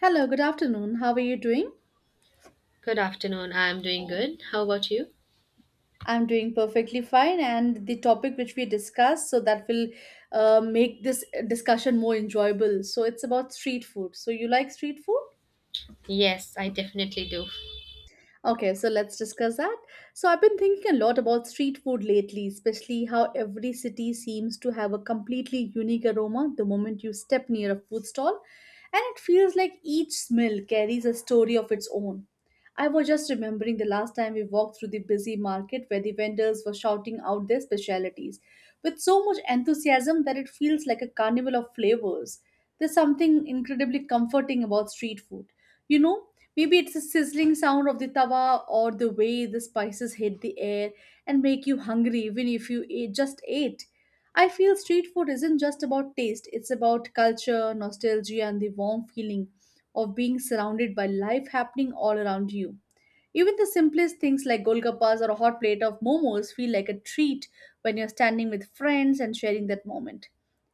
Hello, good afternoon. How are you doing? Good afternoon. I'm doing good. How about you? I'm doing perfectly fine, and the topic which we discussed, so that will make this discussion more enjoyable. So, it's about street food. So, you like street food? Yes, I definitely do. Okay, so let's discuss that. So, I've been thinking a lot about street food lately, especially how every city seems to have a completely unique aroma the moment you step near a food stall, and it feels like each smell carries a story of its own. I was just remembering the last time we walked through the busy market where the vendors were shouting out their specialities with so much enthusiasm that it feels like a carnival of flavors. There's something incredibly comforting about street food. You know, maybe it's the sizzling sound of the tawa or the way the spices hit the air and make you hungry even if you just ate. I feel street food isn't just about taste, it's about culture, nostalgia, and the warm feeling of being surrounded by life happening all around you. Even the simplest things like golgappas or a hot plate of momos feel like a treat when you're standing with friends and sharing that moment.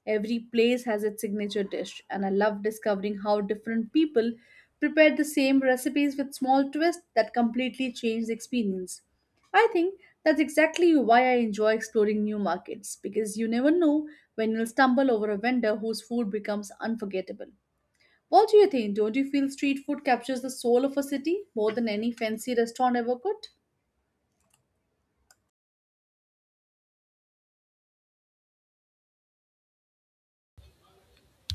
Every place has its signature dish, and I love discovering how different people prepare the same recipes with small twists that completely change the experience. I think that's exactly why I enjoy exploring new markets because you never know when you'll stumble over a vendor whose food becomes unforgettable. What do you think? Don't you feel street food captures the soul of a city more than any fancy restaurant ever could?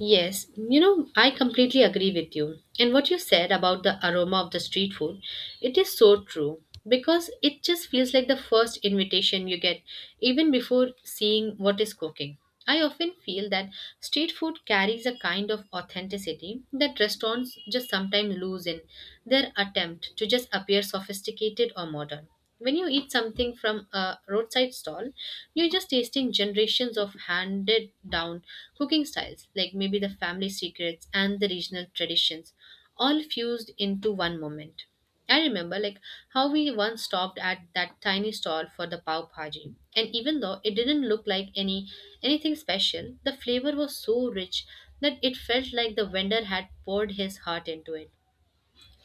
Yes, I completely agree with you. And what you said about the aroma of the street food, it is so true, because it just feels like the first invitation you get, even before seeing what is cooking. I often feel that street food carries a kind of authenticity that restaurants just sometimes lose in their attempt to just appear sophisticated or modern. When you eat something from a roadside stall, you're just tasting generations of handed down cooking styles, like maybe the family secrets and the regional traditions, all fused into one moment. I remember, like, how we once stopped at that tiny stall for the pav bhaji, and even though it didn't look like anything special, the flavor was so rich that it felt like the vendor had poured his heart into it.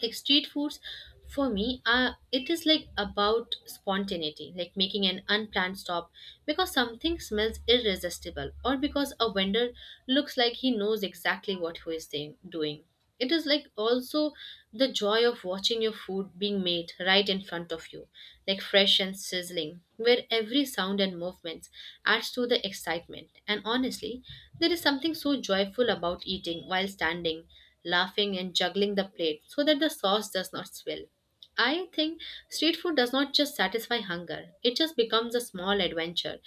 Like, street foods for me, it is like about spontaneity, like making an unplanned stop because something smells irresistible, or because a vendor looks like he knows exactly what he is saying, doing. It is like also the joy of watching your food being made right in front of you, like fresh and sizzling, where every sound and movement adds to the excitement. And honestly, there is something so joyful about eating while standing, laughing, and juggling the plate so that the sauce does not spill. I think street food does not just satisfy hunger, it just becomes a small adventure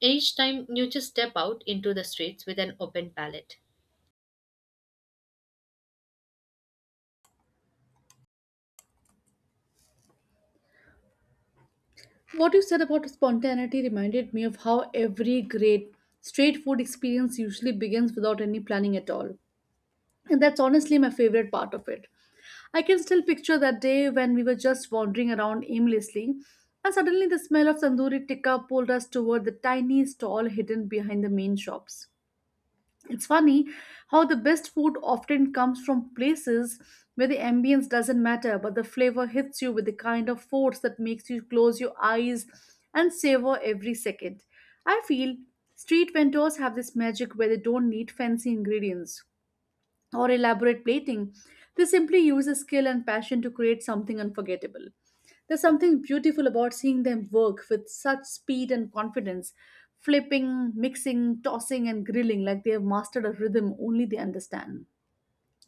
each time you just step out into the streets with an open palate. What you said about spontaneity reminded me of how every great street food experience usually begins without any planning at all. And that's honestly my favorite part of it. I can still picture that day when we were just wandering around aimlessly, and suddenly the smell of tandoori tikka pulled us toward the tiny stall hidden behind the main shops. It's funny how the best food often comes from places where the ambience doesn't matter, but the flavor hits you with the kind of force that makes you close your eyes and savor every second. I feel street vendors have this magic where they don't need fancy ingredients or elaborate plating. They simply use a skill and passion to create something unforgettable. There's something beautiful about seeing them work with such speed and confidence, flipping, mixing, tossing, and grilling like they have mastered a rhythm only they understand,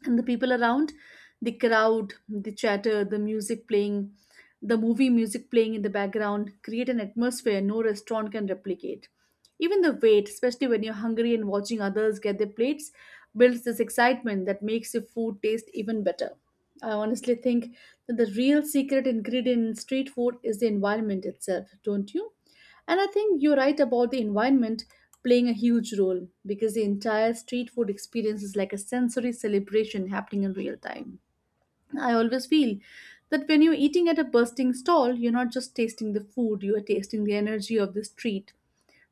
and the people around, the crowd, the chatter, the music playing, the movie music playing in the background create an atmosphere no restaurant can replicate. Even the wait, especially when you're hungry and watching others get their plates, builds this excitement that makes your food taste even better. I honestly think that the real secret ingredient in street food is the environment itself, don't you? And I think you're right about the environment playing a huge role because the entire street food experience is like a sensory celebration happening in real time. I always feel that when you're eating at a bursting stall, you're not just tasting the food, you are tasting the energy of the street,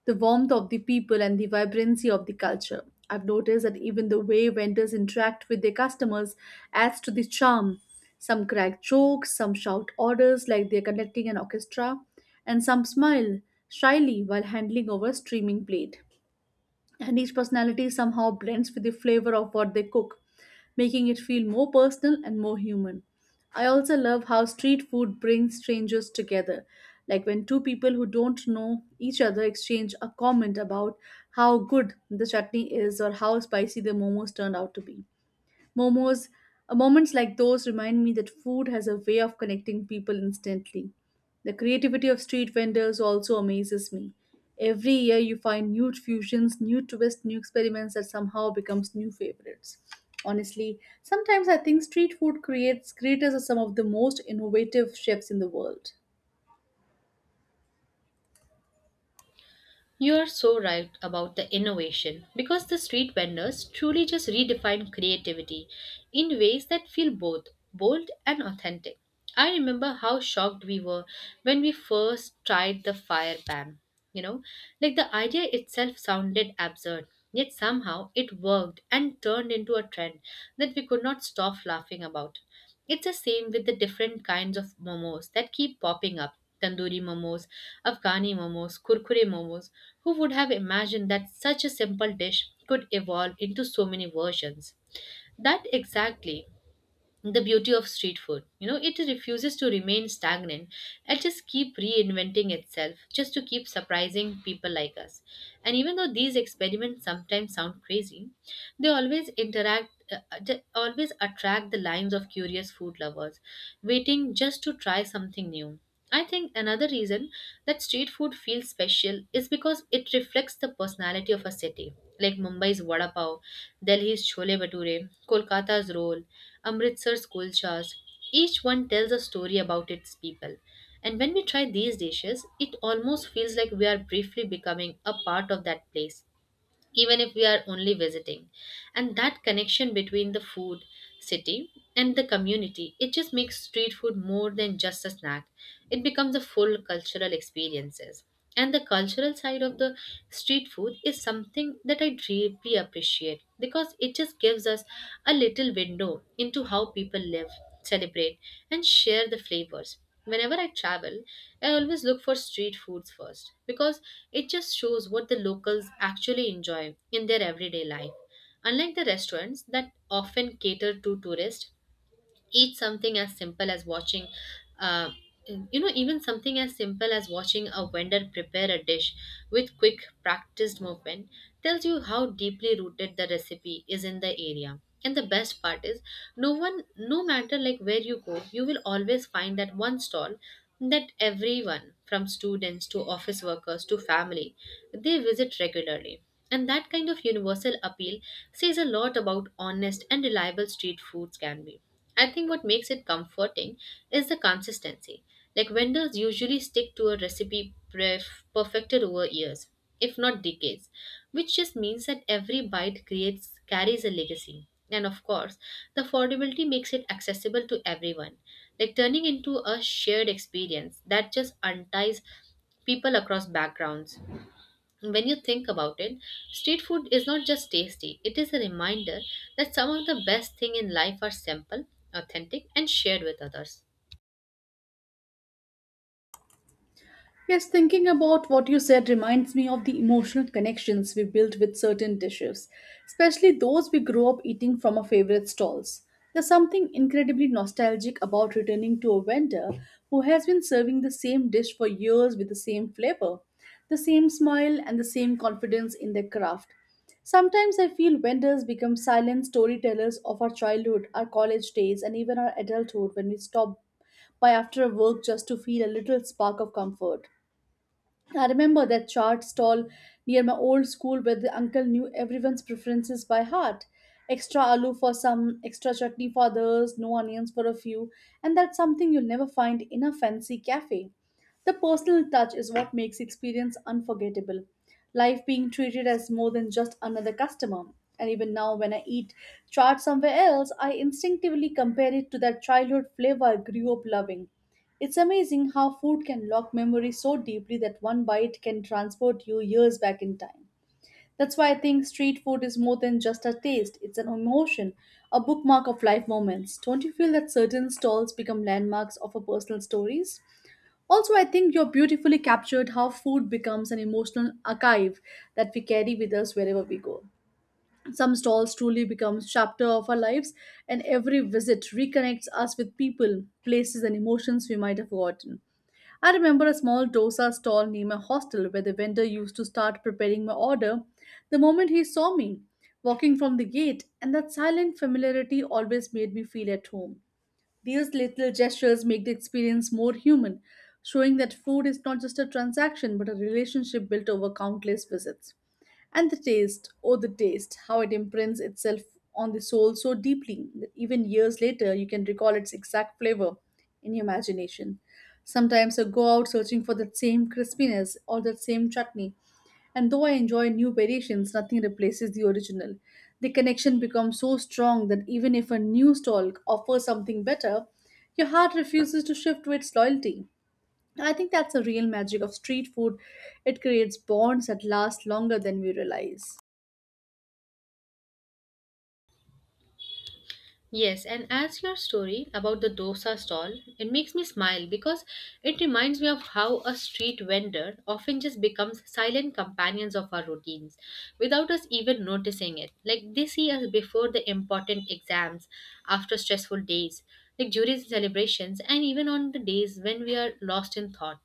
the warmth of the people, and the vibrancy of the culture. I've noticed that even the way vendors interact with their customers adds to the charm. Some crack jokes, some shout orders like they're conducting an orchestra, and some smile shyly while handling over a streaming plate, and each personality somehow blends with the flavor of what they cook, making it feel more personal and more human. I also love how street food brings strangers together, like when two people who don't know each other exchange a comment about how good the chutney is or how spicy the momos turned out to be. Momos, Moments like those remind me that food has a way of connecting people instantly. The creativity of street vendors also amazes me. Every year you find new fusions, new twists, new experiments that somehow becomes new favorites. Honestly, sometimes I think street food creates creators are some of the most innovative chefs in the world. You are so right about the innovation, because the street vendors truly just redefine creativity in ways that feel both bold and authentic. I remember how shocked we were when we first tried the fire pan. You know, like, the idea itself sounded absurd, yet somehow it worked and turned into a trend that we could not stop laughing about. It's the same with the different kinds of momos that keep popping up: tandoori momos, Afghani momos, kurkure momos. Who would have imagined that such a simple dish could evolve into so many versions? That exactly the beauty of street food. You know, it refuses to remain stagnant. It just keep reinventing itself, just to keep surprising people like us. And even though these experiments sometimes sound crazy, they always interact. They always attract the lines of curious food lovers waiting just to try something new. I think another reason that street food feels special is because it reflects the personality of a city, like Mumbai's vada pav, Delhi's chole bhature, Kolkata's roll, Amritsar's kulchas. Each one tells a story about its people. And when we try these dishes, it almost feels like we are briefly becoming a part of that place, even if we are only visiting. And that connection between the food, city, and the community, it just makes street food more than just a snack. It becomes a full cultural experiences. And the cultural side of the street food is something that I deeply appreciate, because it just gives us a little window into how people live, celebrate, and share the flavors. Whenever I travel, I always look for street foods first, because it just shows what the locals actually enjoy in their everyday life. Unlike the restaurants that often cater to tourists, eat something as simple as watching uh, even something as simple as watching a vendor prepare a dish with quick, practiced movement tells you how deeply rooted the recipe is in the area. And the best part is, no one, no matter, like, where you go, you will always find that one stall that everyone, from students to office workers to family, they visit regularly. And that kind of universal appeal says a lot about honest and reliable street foods can be. I think what makes it comforting is the consistency. Like, vendors usually stick to a recipe perfected over years, if not decades, which just means that every bite creates carries a legacy. And of course, the affordability makes it accessible to everyone, like turning into a shared experience that just unties people across backgrounds. When you think about it, street food is not just tasty, it is a reminder that some of the best things in life are simple, authentic, and shared with others. Yes, thinking about what you said reminds me of the emotional connections we built with certain dishes, especially those we grew up eating from our favorite stalls. There's something incredibly nostalgic about returning to a vendor who has been serving the same dish for years with the same flavor, the same smile, and the same confidence in their craft. Sometimes I feel vendors become silent storytellers of our childhood, our college days, and even our adulthood when we stop by after a work just to feel a little spark of comfort. I remember that chart stall near my old school where the uncle knew everyone's preferences by heart. Extra aloo for some, extra chutney for others, no onions for a few, and that's something you'll never find in a fancy cafe. The personal touch is what makes the experience unforgettable. Life being treated as more than just another customer. And even now, when I eat chaat somewhere else, I instinctively compare it to that childhood flavor I grew up loving. It's amazing how food can lock memories so deeply that one bite can transport you years back in time. That's why I think street food is more than just a taste, it's an emotion, a bookmark of life moments. Don't you feel that certain stalls become landmarks of our personal stories? Also, I think you're beautifully captured how food becomes an emotional archive that we carry with us wherever we go. Some stalls truly become chapter of our lives, and every visit reconnects us with people, places, and emotions we might have forgotten. I remember a small dosa stall near my hostel where the vendor used to start preparing my order the moment he saw me walking from the gate, and that silent familiarity always made me feel at home. These little gestures make the experience more human, showing that food is not just a transaction but a relationship built over countless visits. And the taste, oh, the taste, how it imprints itself on the soul so deeply that even years later you can recall its exact flavor in your imagination. Sometimes I go out searching for that same crispiness or that same chutney, and though I enjoy new variations, nothing replaces the original. The connection becomes so strong that even if a new stall offers something better, your heart refuses to shift to its loyalty. I think that's the real magic of street food. It creates bonds that last longer than we realize. Yes, and as your story about the dosa stall, it makes me smile, because it reminds me of how a street vendor often just becomes silent companions of our routines without us even noticing it. Like, they see us before the important exams, after stressful days, like during celebrations, and even on the days when we are lost in thought.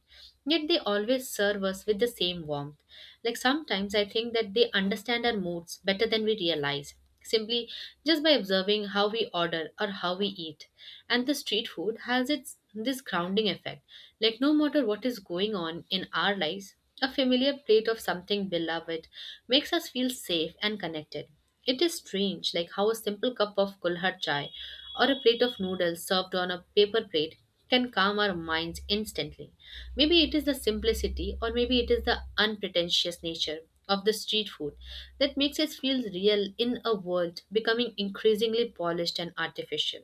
Yet they always serve us with the same warmth. Like, sometimes I think that they understand our moods better than we realize, simply just by observing how we order or how we eat. And the street food has its this grounding effect, like, no matter what is going on in our lives, a familiar plate of something beloved makes us feel safe and connected. It is strange, like, how a simple cup of kulhad chai or a plate of noodles served on a paper plate can calm our minds instantly. Maybe it is the simplicity, or maybe it is the unpretentious nature of the street food that makes us feel real in a world becoming increasingly polished and artificial.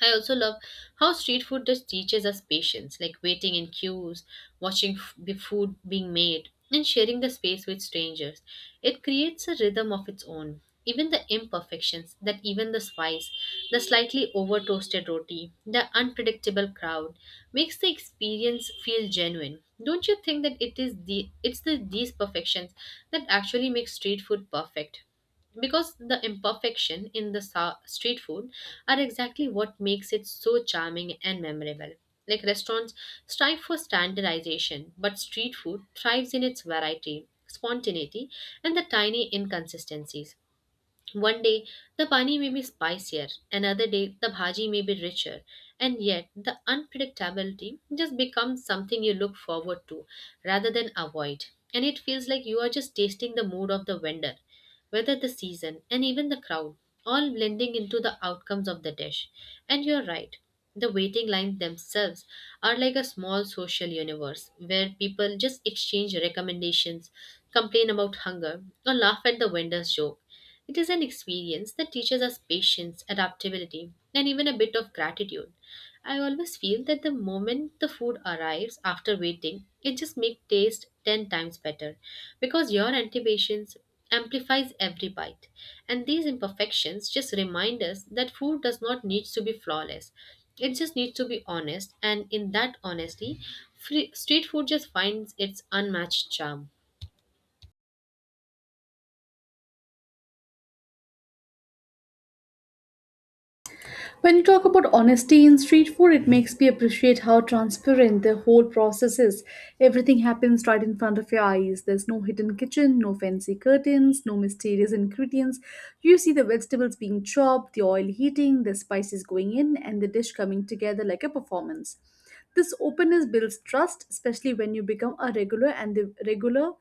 I also love how street food just teaches us patience, like waiting in queues, watching the food being made, and sharing the space with strangers. It creates a rhythm of its own. Even the imperfections, that even the spice, the slightly over toasted roti, the unpredictable crowd, makes the experience feel genuine. Don't you think that it is the it's the these perfections that actually make street food perfect? Because the imperfection in the street food are exactly what makes it so charming and memorable. Like, restaurants strive for standardization, but street food thrives in its variety, spontaneity, and the tiny inconsistencies. One day the pani may be spicier, another day the bhaji may be richer, and yet the unpredictability just becomes something you look forward to rather than avoid. And it feels like you are just tasting the mood of the vendor, whether the season and even the crowd, all blending into the outcomes of the dish. And you're right, the waiting lines themselves are like a small social universe where people just exchange recommendations, complain about hunger, or laugh at the vendor's joke. It is an experience that teaches us patience, adaptability, and even a bit of gratitude. I always feel that the moment the food arrives after waiting, it just makes taste 10 times better, because your anticipations amplifies every bite. And these imperfections just remind us that food does not need to be flawless. It just needs to be honest, and in that honesty, free, street food just finds its unmatched charm. When you talk about honesty in street food, it makes me appreciate how transparent the whole process is. Everything happens right in front of your eyes. There's no hidden kitchen, no fancy curtains, no mysterious ingredients. You see the vegetables being chopped, the oil heating, the spices going in, and the dish coming together like a performance. This openness builds trust, especially when you become a regular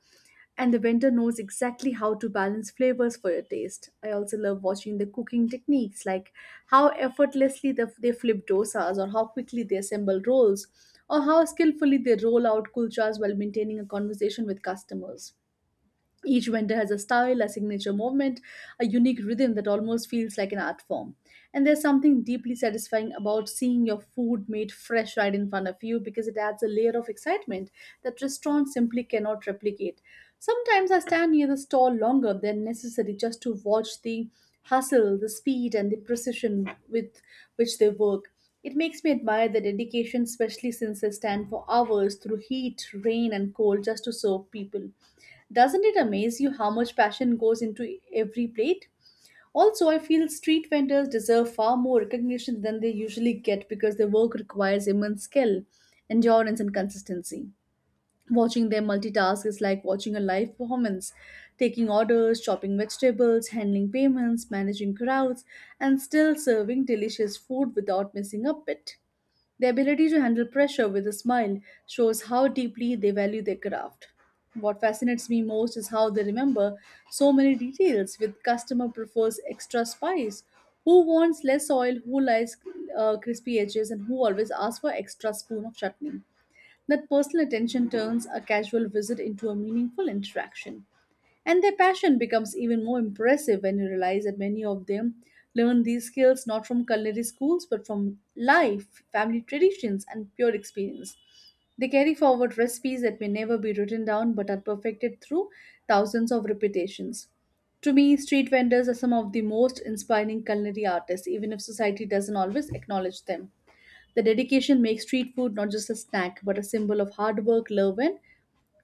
and the vendor knows exactly how to balance flavors for your taste. I also love watching the cooking techniques, like how effortlessly they flip dosas, or how quickly they assemble rolls, or how skillfully they roll out kulchas while maintaining a conversation with customers. Each vendor has a style, a signature movement, a unique rhythm that almost feels like an art form. And there's something deeply satisfying about seeing your food made fresh right in front of you because it adds a layer of excitement that restaurants simply cannot replicate. Sometimes I stand near the stall longer than necessary just to watch the hustle, the speed, and the precision with which they work. It makes me admire their dedication, especially since they stand for hours through heat, rain, and cold just to serve people. Doesn't it amaze you how much passion goes into every plate? Also, I feel street vendors deserve far more recognition than they usually get because their work requires immense skill, endurance, and consistency. Watching them multitask is like watching a live performance, taking orders, chopping vegetables, handling payments, managing crowds, and still serving delicious food without missing a bit. Their ability to handle pressure with a smile shows how deeply they value their craft. What fascinates me most is how they remember so many details. With customer prefers extra spice, who wants less oil, who likes crispy edges, and who always asks for extra spoon of chutney. That personal attention turns a casual visit into a meaningful interaction. And their passion becomes even more impressive when you realize that many of them learn these skills not from culinary schools but from life, family traditions, and pure experience. They carry forward recipes that may never be written down but are perfected through thousands of repetitions. To me, street vendors are some of the most inspiring culinary artists, even if society doesn't always acknowledge them. The dedication makes street food not just a snack but a symbol of hard work, love, and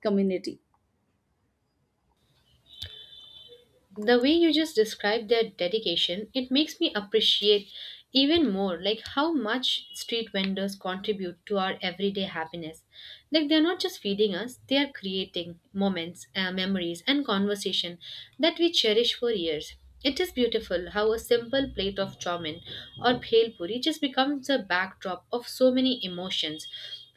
community. The way you just described their dedication, it makes me appreciate even more, like, how much street vendors contribute to our everyday happiness. Like, they're not just feeding us, they are creating moments, memories, and conversation that we cherish for years. It is beautiful how a simple plate of chowmin or bhel puri just becomes a backdrop of so many emotions,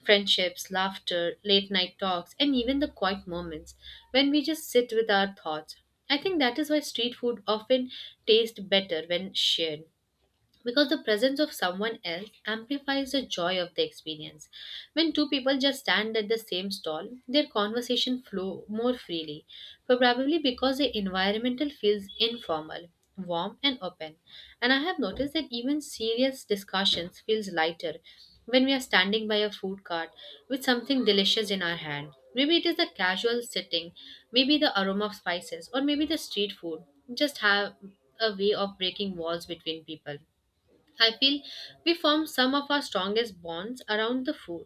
friendships, laughter, late night talks, and even the quiet moments when we just sit with our thoughts. I think that is why street food often tastes better when shared, because the presence of someone else amplifies the joy of the experience. When two people just stand at the same stall, their conversation flow more freely, probably because the environmental feels informal, warm, and open. And I have noticed that even serious discussions feels lighter when we are standing by a food cart with something delicious in our hand. Maybe it is the casual sitting, maybe the aroma of spices, or maybe the street food just have a way of breaking walls between people. I feel we form some of our strongest bonds around the food.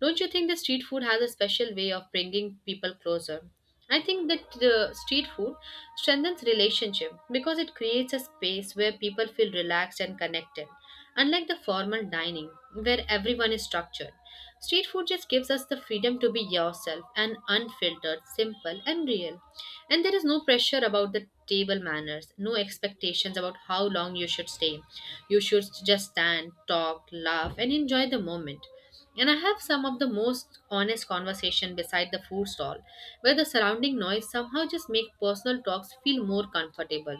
Don't you think the street food has a special way of bringing people closer? I think that the street food strengthens relationship because it creates a space where people feel relaxed and connected. Unlike the formal dining where everyone is structured, street food just gives us the freedom to be yourself and unfiltered, simple, and real. And there is no pressure about the table manners, no expectations about how long you should stay. You should just stand, talk, laugh, and enjoy the moment. And I have some of the most honest conversation beside the food stall, where the surrounding noise somehow just make personal talks feel more comfortable.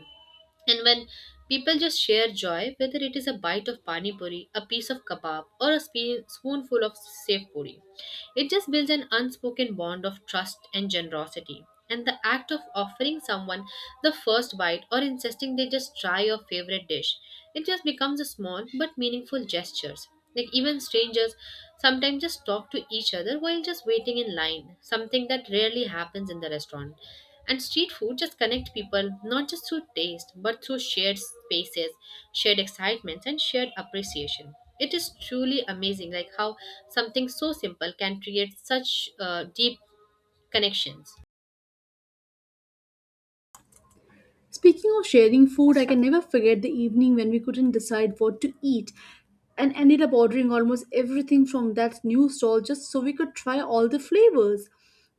And when people just share joy, whether it is a bite of pani puri, a piece of kebab, or a spoonful of safe puri, it just builds an unspoken bond of trust and generosity. And the act of offering someone the first bite or insisting they just try your favorite dish, it just becomes a small but meaningful gestures. Like, even strangers sometimes just talk to each other while just waiting in line, something that rarely happens in the restaurant. And street food just connect people not just through taste but through shared spaces, shared excitements and shared appreciation. It is truly amazing like how something so simple can create such deep connections. Speaking of sharing food, I can never forget the evening when we couldn't decide what to eat and ended up ordering almost everything from that new stall just so we could try all the flavors.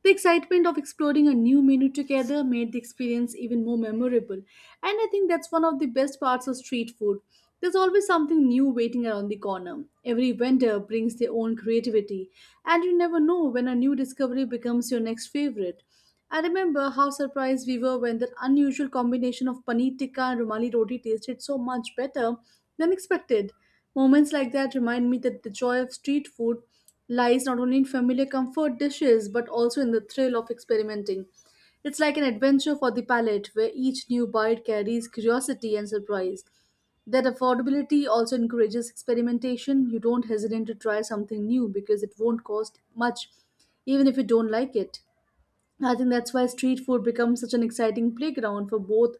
The excitement of exploring a new menu together made the experience even more memorable, and I think that's one of the best parts of street food. There's always something new waiting around the corner. Every vendor brings their own creativity, and you never know when a new discovery becomes your next favorite. I remember how surprised we were when that unusual combination of paneer tikka and rumali roti tasted so much better than expected. Moments like that remind me that the joy of street food lies not only in familiar comfort dishes but also in the thrill of experimenting. It's like an adventure for the palate where each new bite carries curiosity and surprise. That affordability also encourages experimentation. You don't hesitate to try something new because it won't cost much, even if you don't like it. I think that's why street food becomes such an exciting playground for both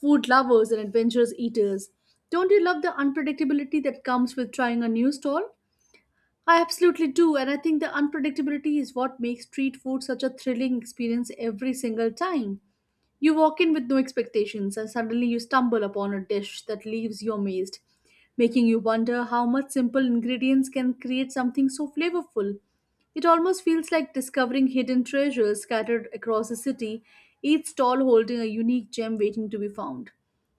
food lovers and adventurous eaters. Don't you love the unpredictability that comes with trying a new stall? I absolutely do, and I think the unpredictability is what makes street food such a thrilling experience every single time. You walk in with no expectations, and suddenly you stumble upon a dish that leaves you amazed, making you wonder how much simple ingredients can create something so flavorful. It almost feels like discovering hidden treasures scattered across the city, each stall holding a unique gem waiting to be found.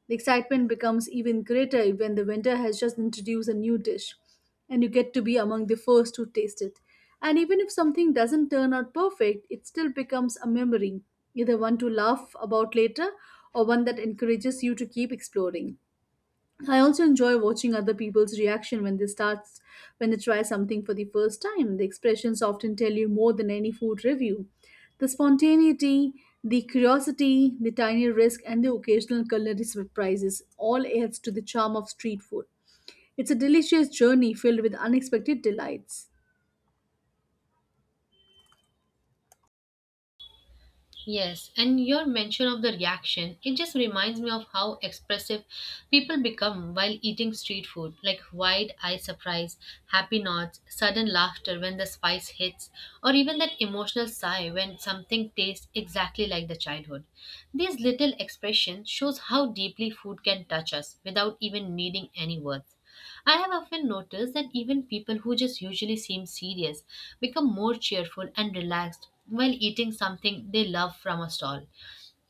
The excitement becomes even greater when the vendor has just introduced a new dish and you get to be among the first to taste it. And even if something doesn't turn out perfect, it still becomes a memory, either one to laugh about later or one that encourages you to keep exploring. I also enjoy watching other people's reaction when they try something for the first time. The expressions often tell you more than any food review. The spontaneity, the curiosity, the tiny risk, and the occasional culinary surprises all adds to the charm of street food. It's a delicious journey filled with unexpected delights. Yes, and your mention of the reaction, it just reminds me of how expressive people become while eating street food, like wide eye surprise, happy nods, sudden laughter when the spice hits, or even that emotional sigh when something tastes exactly like the childhood. These little expressions shows how deeply food can touch us without even needing any words. I have often noticed that even people who just usually seem serious become more cheerful and relaxed while eating something they love from a stall.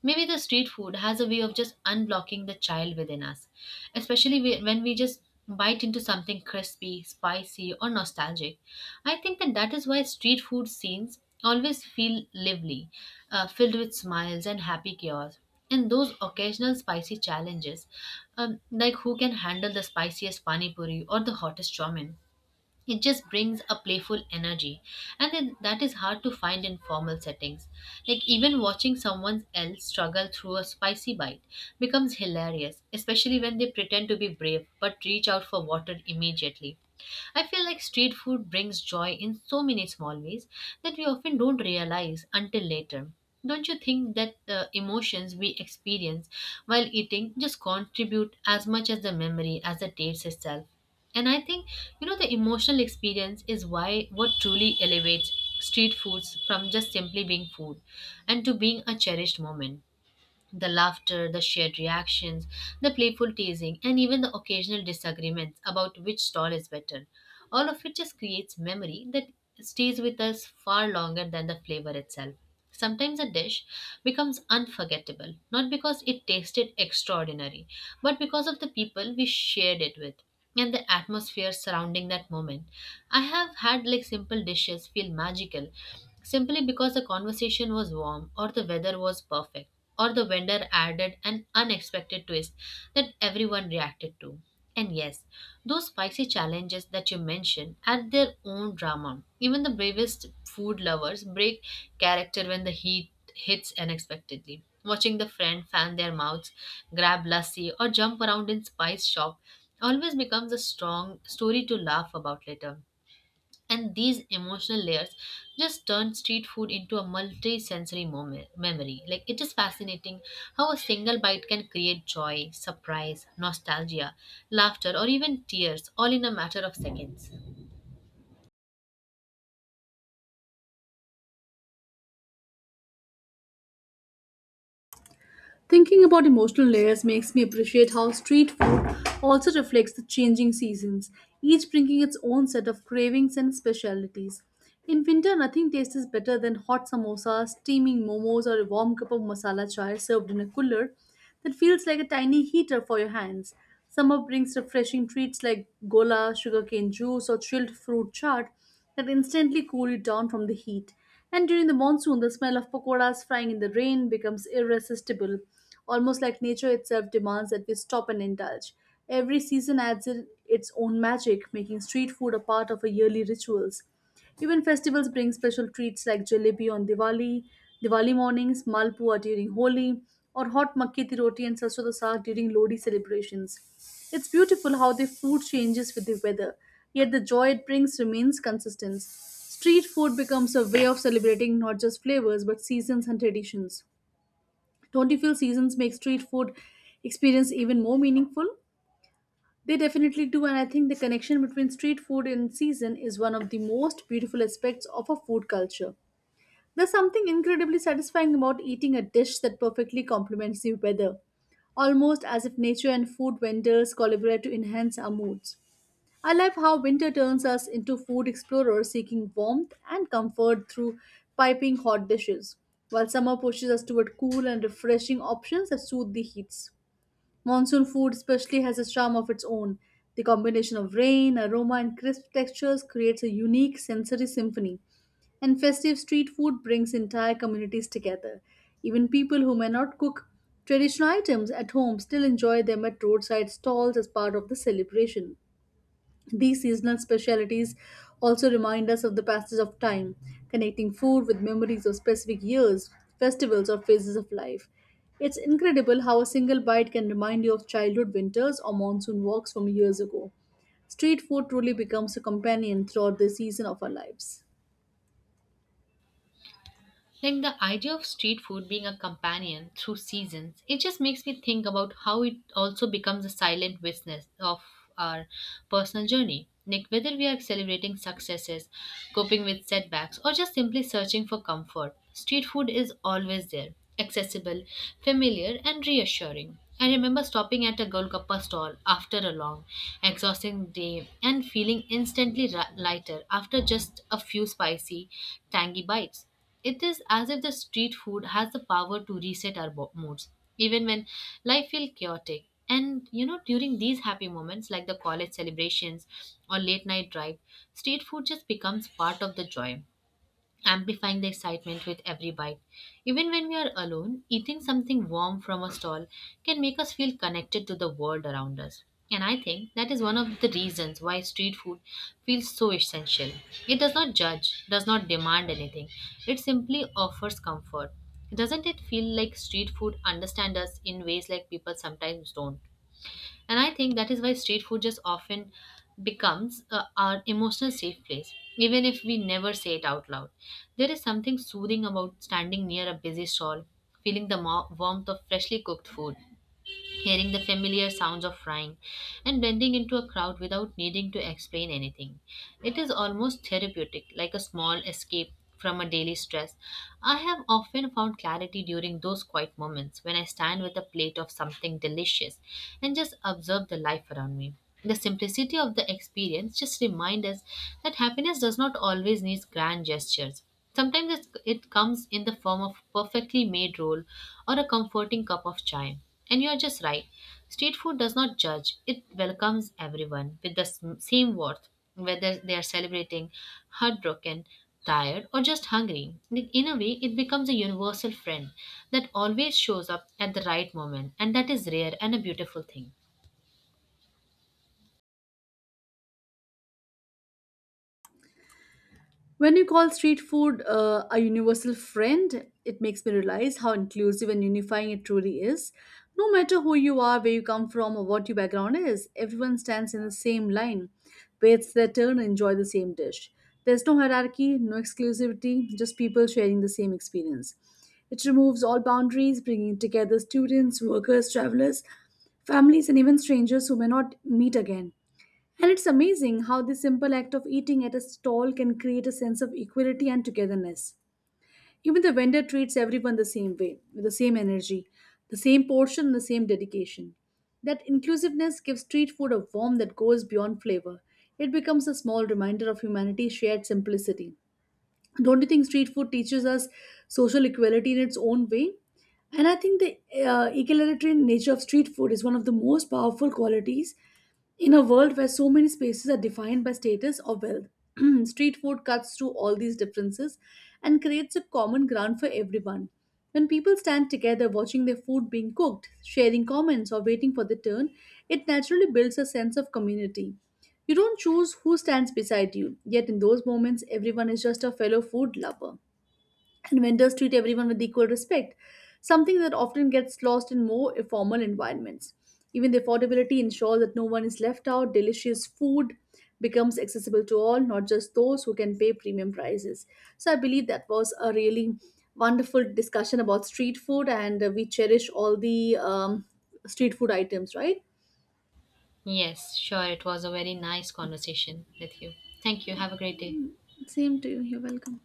Maybe the street food has a way of just unblocking the child within us, especially when we just bite into something crispy, spicy, or nostalgic. I think that is why street food scenes always feel lively, filled with smiles and happy chaos. And those occasional spicy challenges, like who can handle the spiciest pani puri or the hottest chomin, it just brings a playful energy, and then that is hard to find in formal settings. Like, even watching someone else struggle through a spicy bite becomes hilarious, especially when they pretend to be brave but reach out for water immediately. I feel like street food brings joy in so many small ways that we often don't realize until later. Don't you think that the emotions we experience while eating just contribute as much as the memory as the taste itself? And I think, the emotional experience is why what truly elevates street foods from just simply being food and to being a cherished moment. The laughter, the shared reactions, the playful teasing, and even the occasional disagreements about which stall is better. All of it just creates memory that stays with us far longer than the flavor itself. Sometimes a dish becomes unforgettable, not because it tasted extraordinary, but because of the people we shared it with and the atmosphere surrounding that moment. I have had like simple dishes feel magical simply because the conversation was warm or the weather was perfect or the vendor added an unexpected twist that everyone reacted to. And yes, those spicy challenges that you mentioned add their own drama. Even the bravest food lovers break character when the heat hits unexpectedly. Watching the friend fan their mouths, grab lassi, or jump around in spice shop always becomes a strong story to laugh about later, and these emotional layers just turn street food into a multi-sensory moment, memory like it is fascinating how a single bite can create joy, surprise, nostalgia, laughter, or even tears, all in a matter of seconds. Thinking about emotional layers makes me appreciate how street food also reflects the changing seasons, each bringing its own set of cravings and specialities. In winter, nothing tastes better than hot samosas, steaming momos, or a warm cup of masala chai served in a cooler that feels like a tiny heater for your hands. Summer brings refreshing treats like gola, sugarcane juice, or chilled fruit chaat, that instantly cool you down from the heat. And during the monsoon, the smell of pakoras frying in the rain becomes irresistible, almost like nature itself demands that we stop and indulge. Every season adds in its own magic, making street food a part of our yearly rituals. Even festivals bring special treats like jalebi on Diwali, Diwali mornings, malpua during Holi, or hot makki di roti and sarson da saag during Lodi celebrations. It's beautiful how the food changes with the weather, yet the joy it brings remains consistent. Street food becomes a way of celebrating not just flavors but seasons and traditions. Don't you feel seasons make street food experience even more meaningful? They definitely do, and I think the connection between street food and season is one of the most beautiful aspects of a food culture. There's something incredibly satisfying about eating a dish that perfectly complements the weather, almost as if nature and food vendors collaborate to enhance our moods. I love how winter turns us into food explorers seeking warmth and comfort through piping hot dishes, while summer pushes us toward cool and refreshing options that soothe the heats. Monsoon food, especially, has a charm of its own. The combination of rain, aroma, and crisp textures creates a unique sensory symphony. And festive street food brings entire communities together. Even people who may not cook traditional items at home still enjoy them at roadside stalls as part of the celebration. These seasonal specialities also remind us of the passage of time, connecting food with memories of specific years, festivals, or phases of life. It's incredible how a single bite can remind you of childhood winters or monsoon walks from years ago. Street food truly becomes a companion throughout the season of our lives. Like the idea of street food being a companion through seasons, it just makes me think about how it also becomes a silent witness of our personal journey. Like whether we are celebrating successes, coping with setbacks, or just simply searching for comfort, street food is always there, accessible, familiar, and reassuring. I remember stopping at a Golgappa stall after a long, exhausting day and feeling instantly lighter after just a few spicy, tangy bites. It is as if the street food has the power to reset our moods, even when life feels chaotic. And you know, during these happy moments like the college celebrations or late night drive, street food just becomes part of the joy, amplifying the excitement with every bite. Even when we are alone, eating something warm from a stall can make us feel connected to the world around us. And I think that is one of the reasons why street food feels so essential. It does not judge, does not demand anything, it simply offers comfort. Doesn't it feel like street food understands us in ways like people sometimes don't? And I think that is why street food just often becomes our emotional safe place, even if we never say it out loud. There is something soothing about standing near a busy stall, feeling the warmth of freshly cooked food, hearing the familiar sounds of frying, and blending into a crowd without needing to explain anything. It is almost therapeutic, like a small escape from a daily stress. I have often found clarity during those quiet moments when I stand with a plate of something delicious and just observe the life around me. The simplicity of the experience just reminds us that happiness does not always need grand gestures. Sometimes it comes in the form of perfectly made roll or a comforting cup of chai. And you're just right. Street food does not judge, it welcomes everyone with the same worth, whether they are celebrating, heartbroken, tired, or just hungry. In a way, it becomes a universal friend that always shows up at the right moment, and that is rare and a beautiful thing. When you call street food a universal friend, it makes me realize how inclusive and unifying it truly is. No matter who you are, where you come from, or what your background is, everyone stands in the same line, waits their turn, and enjoy the same dish. There's no hierarchy, no exclusivity, just people sharing the same experience. It removes all boundaries, bringing together students, workers, travelers, families, and even strangers who may not meet again. And it's amazing how the simple act of eating at a stall can create a sense of equality and togetherness. Even the vendor treats everyone the same way, with the same energy, the same portion, and the same dedication. That inclusiveness gives street food a warmth that goes beyond flavor. It becomes a small reminder of humanity's shared simplicity. Don't you think street food teaches us social equality in its own way? And I think the egalitarian nature of street food is one of the most powerful qualities in a world where so many spaces are defined by status or wealth. Street food cuts through all these differences and creates a common ground for everyone. When people stand together watching their food being cooked, sharing comments, or waiting for the turn, it naturally builds a sense of community. You don't choose who stands beside you, yet in those moments, everyone is just a fellow food lover. And vendors treat everyone with equal respect, something that often gets lost in more formal environments. Even the affordability ensures that no one is left out, delicious food becomes accessible to all, not just those who can pay premium prices. So I believe that was a really wonderful discussion about street food, and we cherish all the street food items, right? Yes, sure, it was a very nice conversation with you. Thank you. Have a great day. Same to you. You're welcome.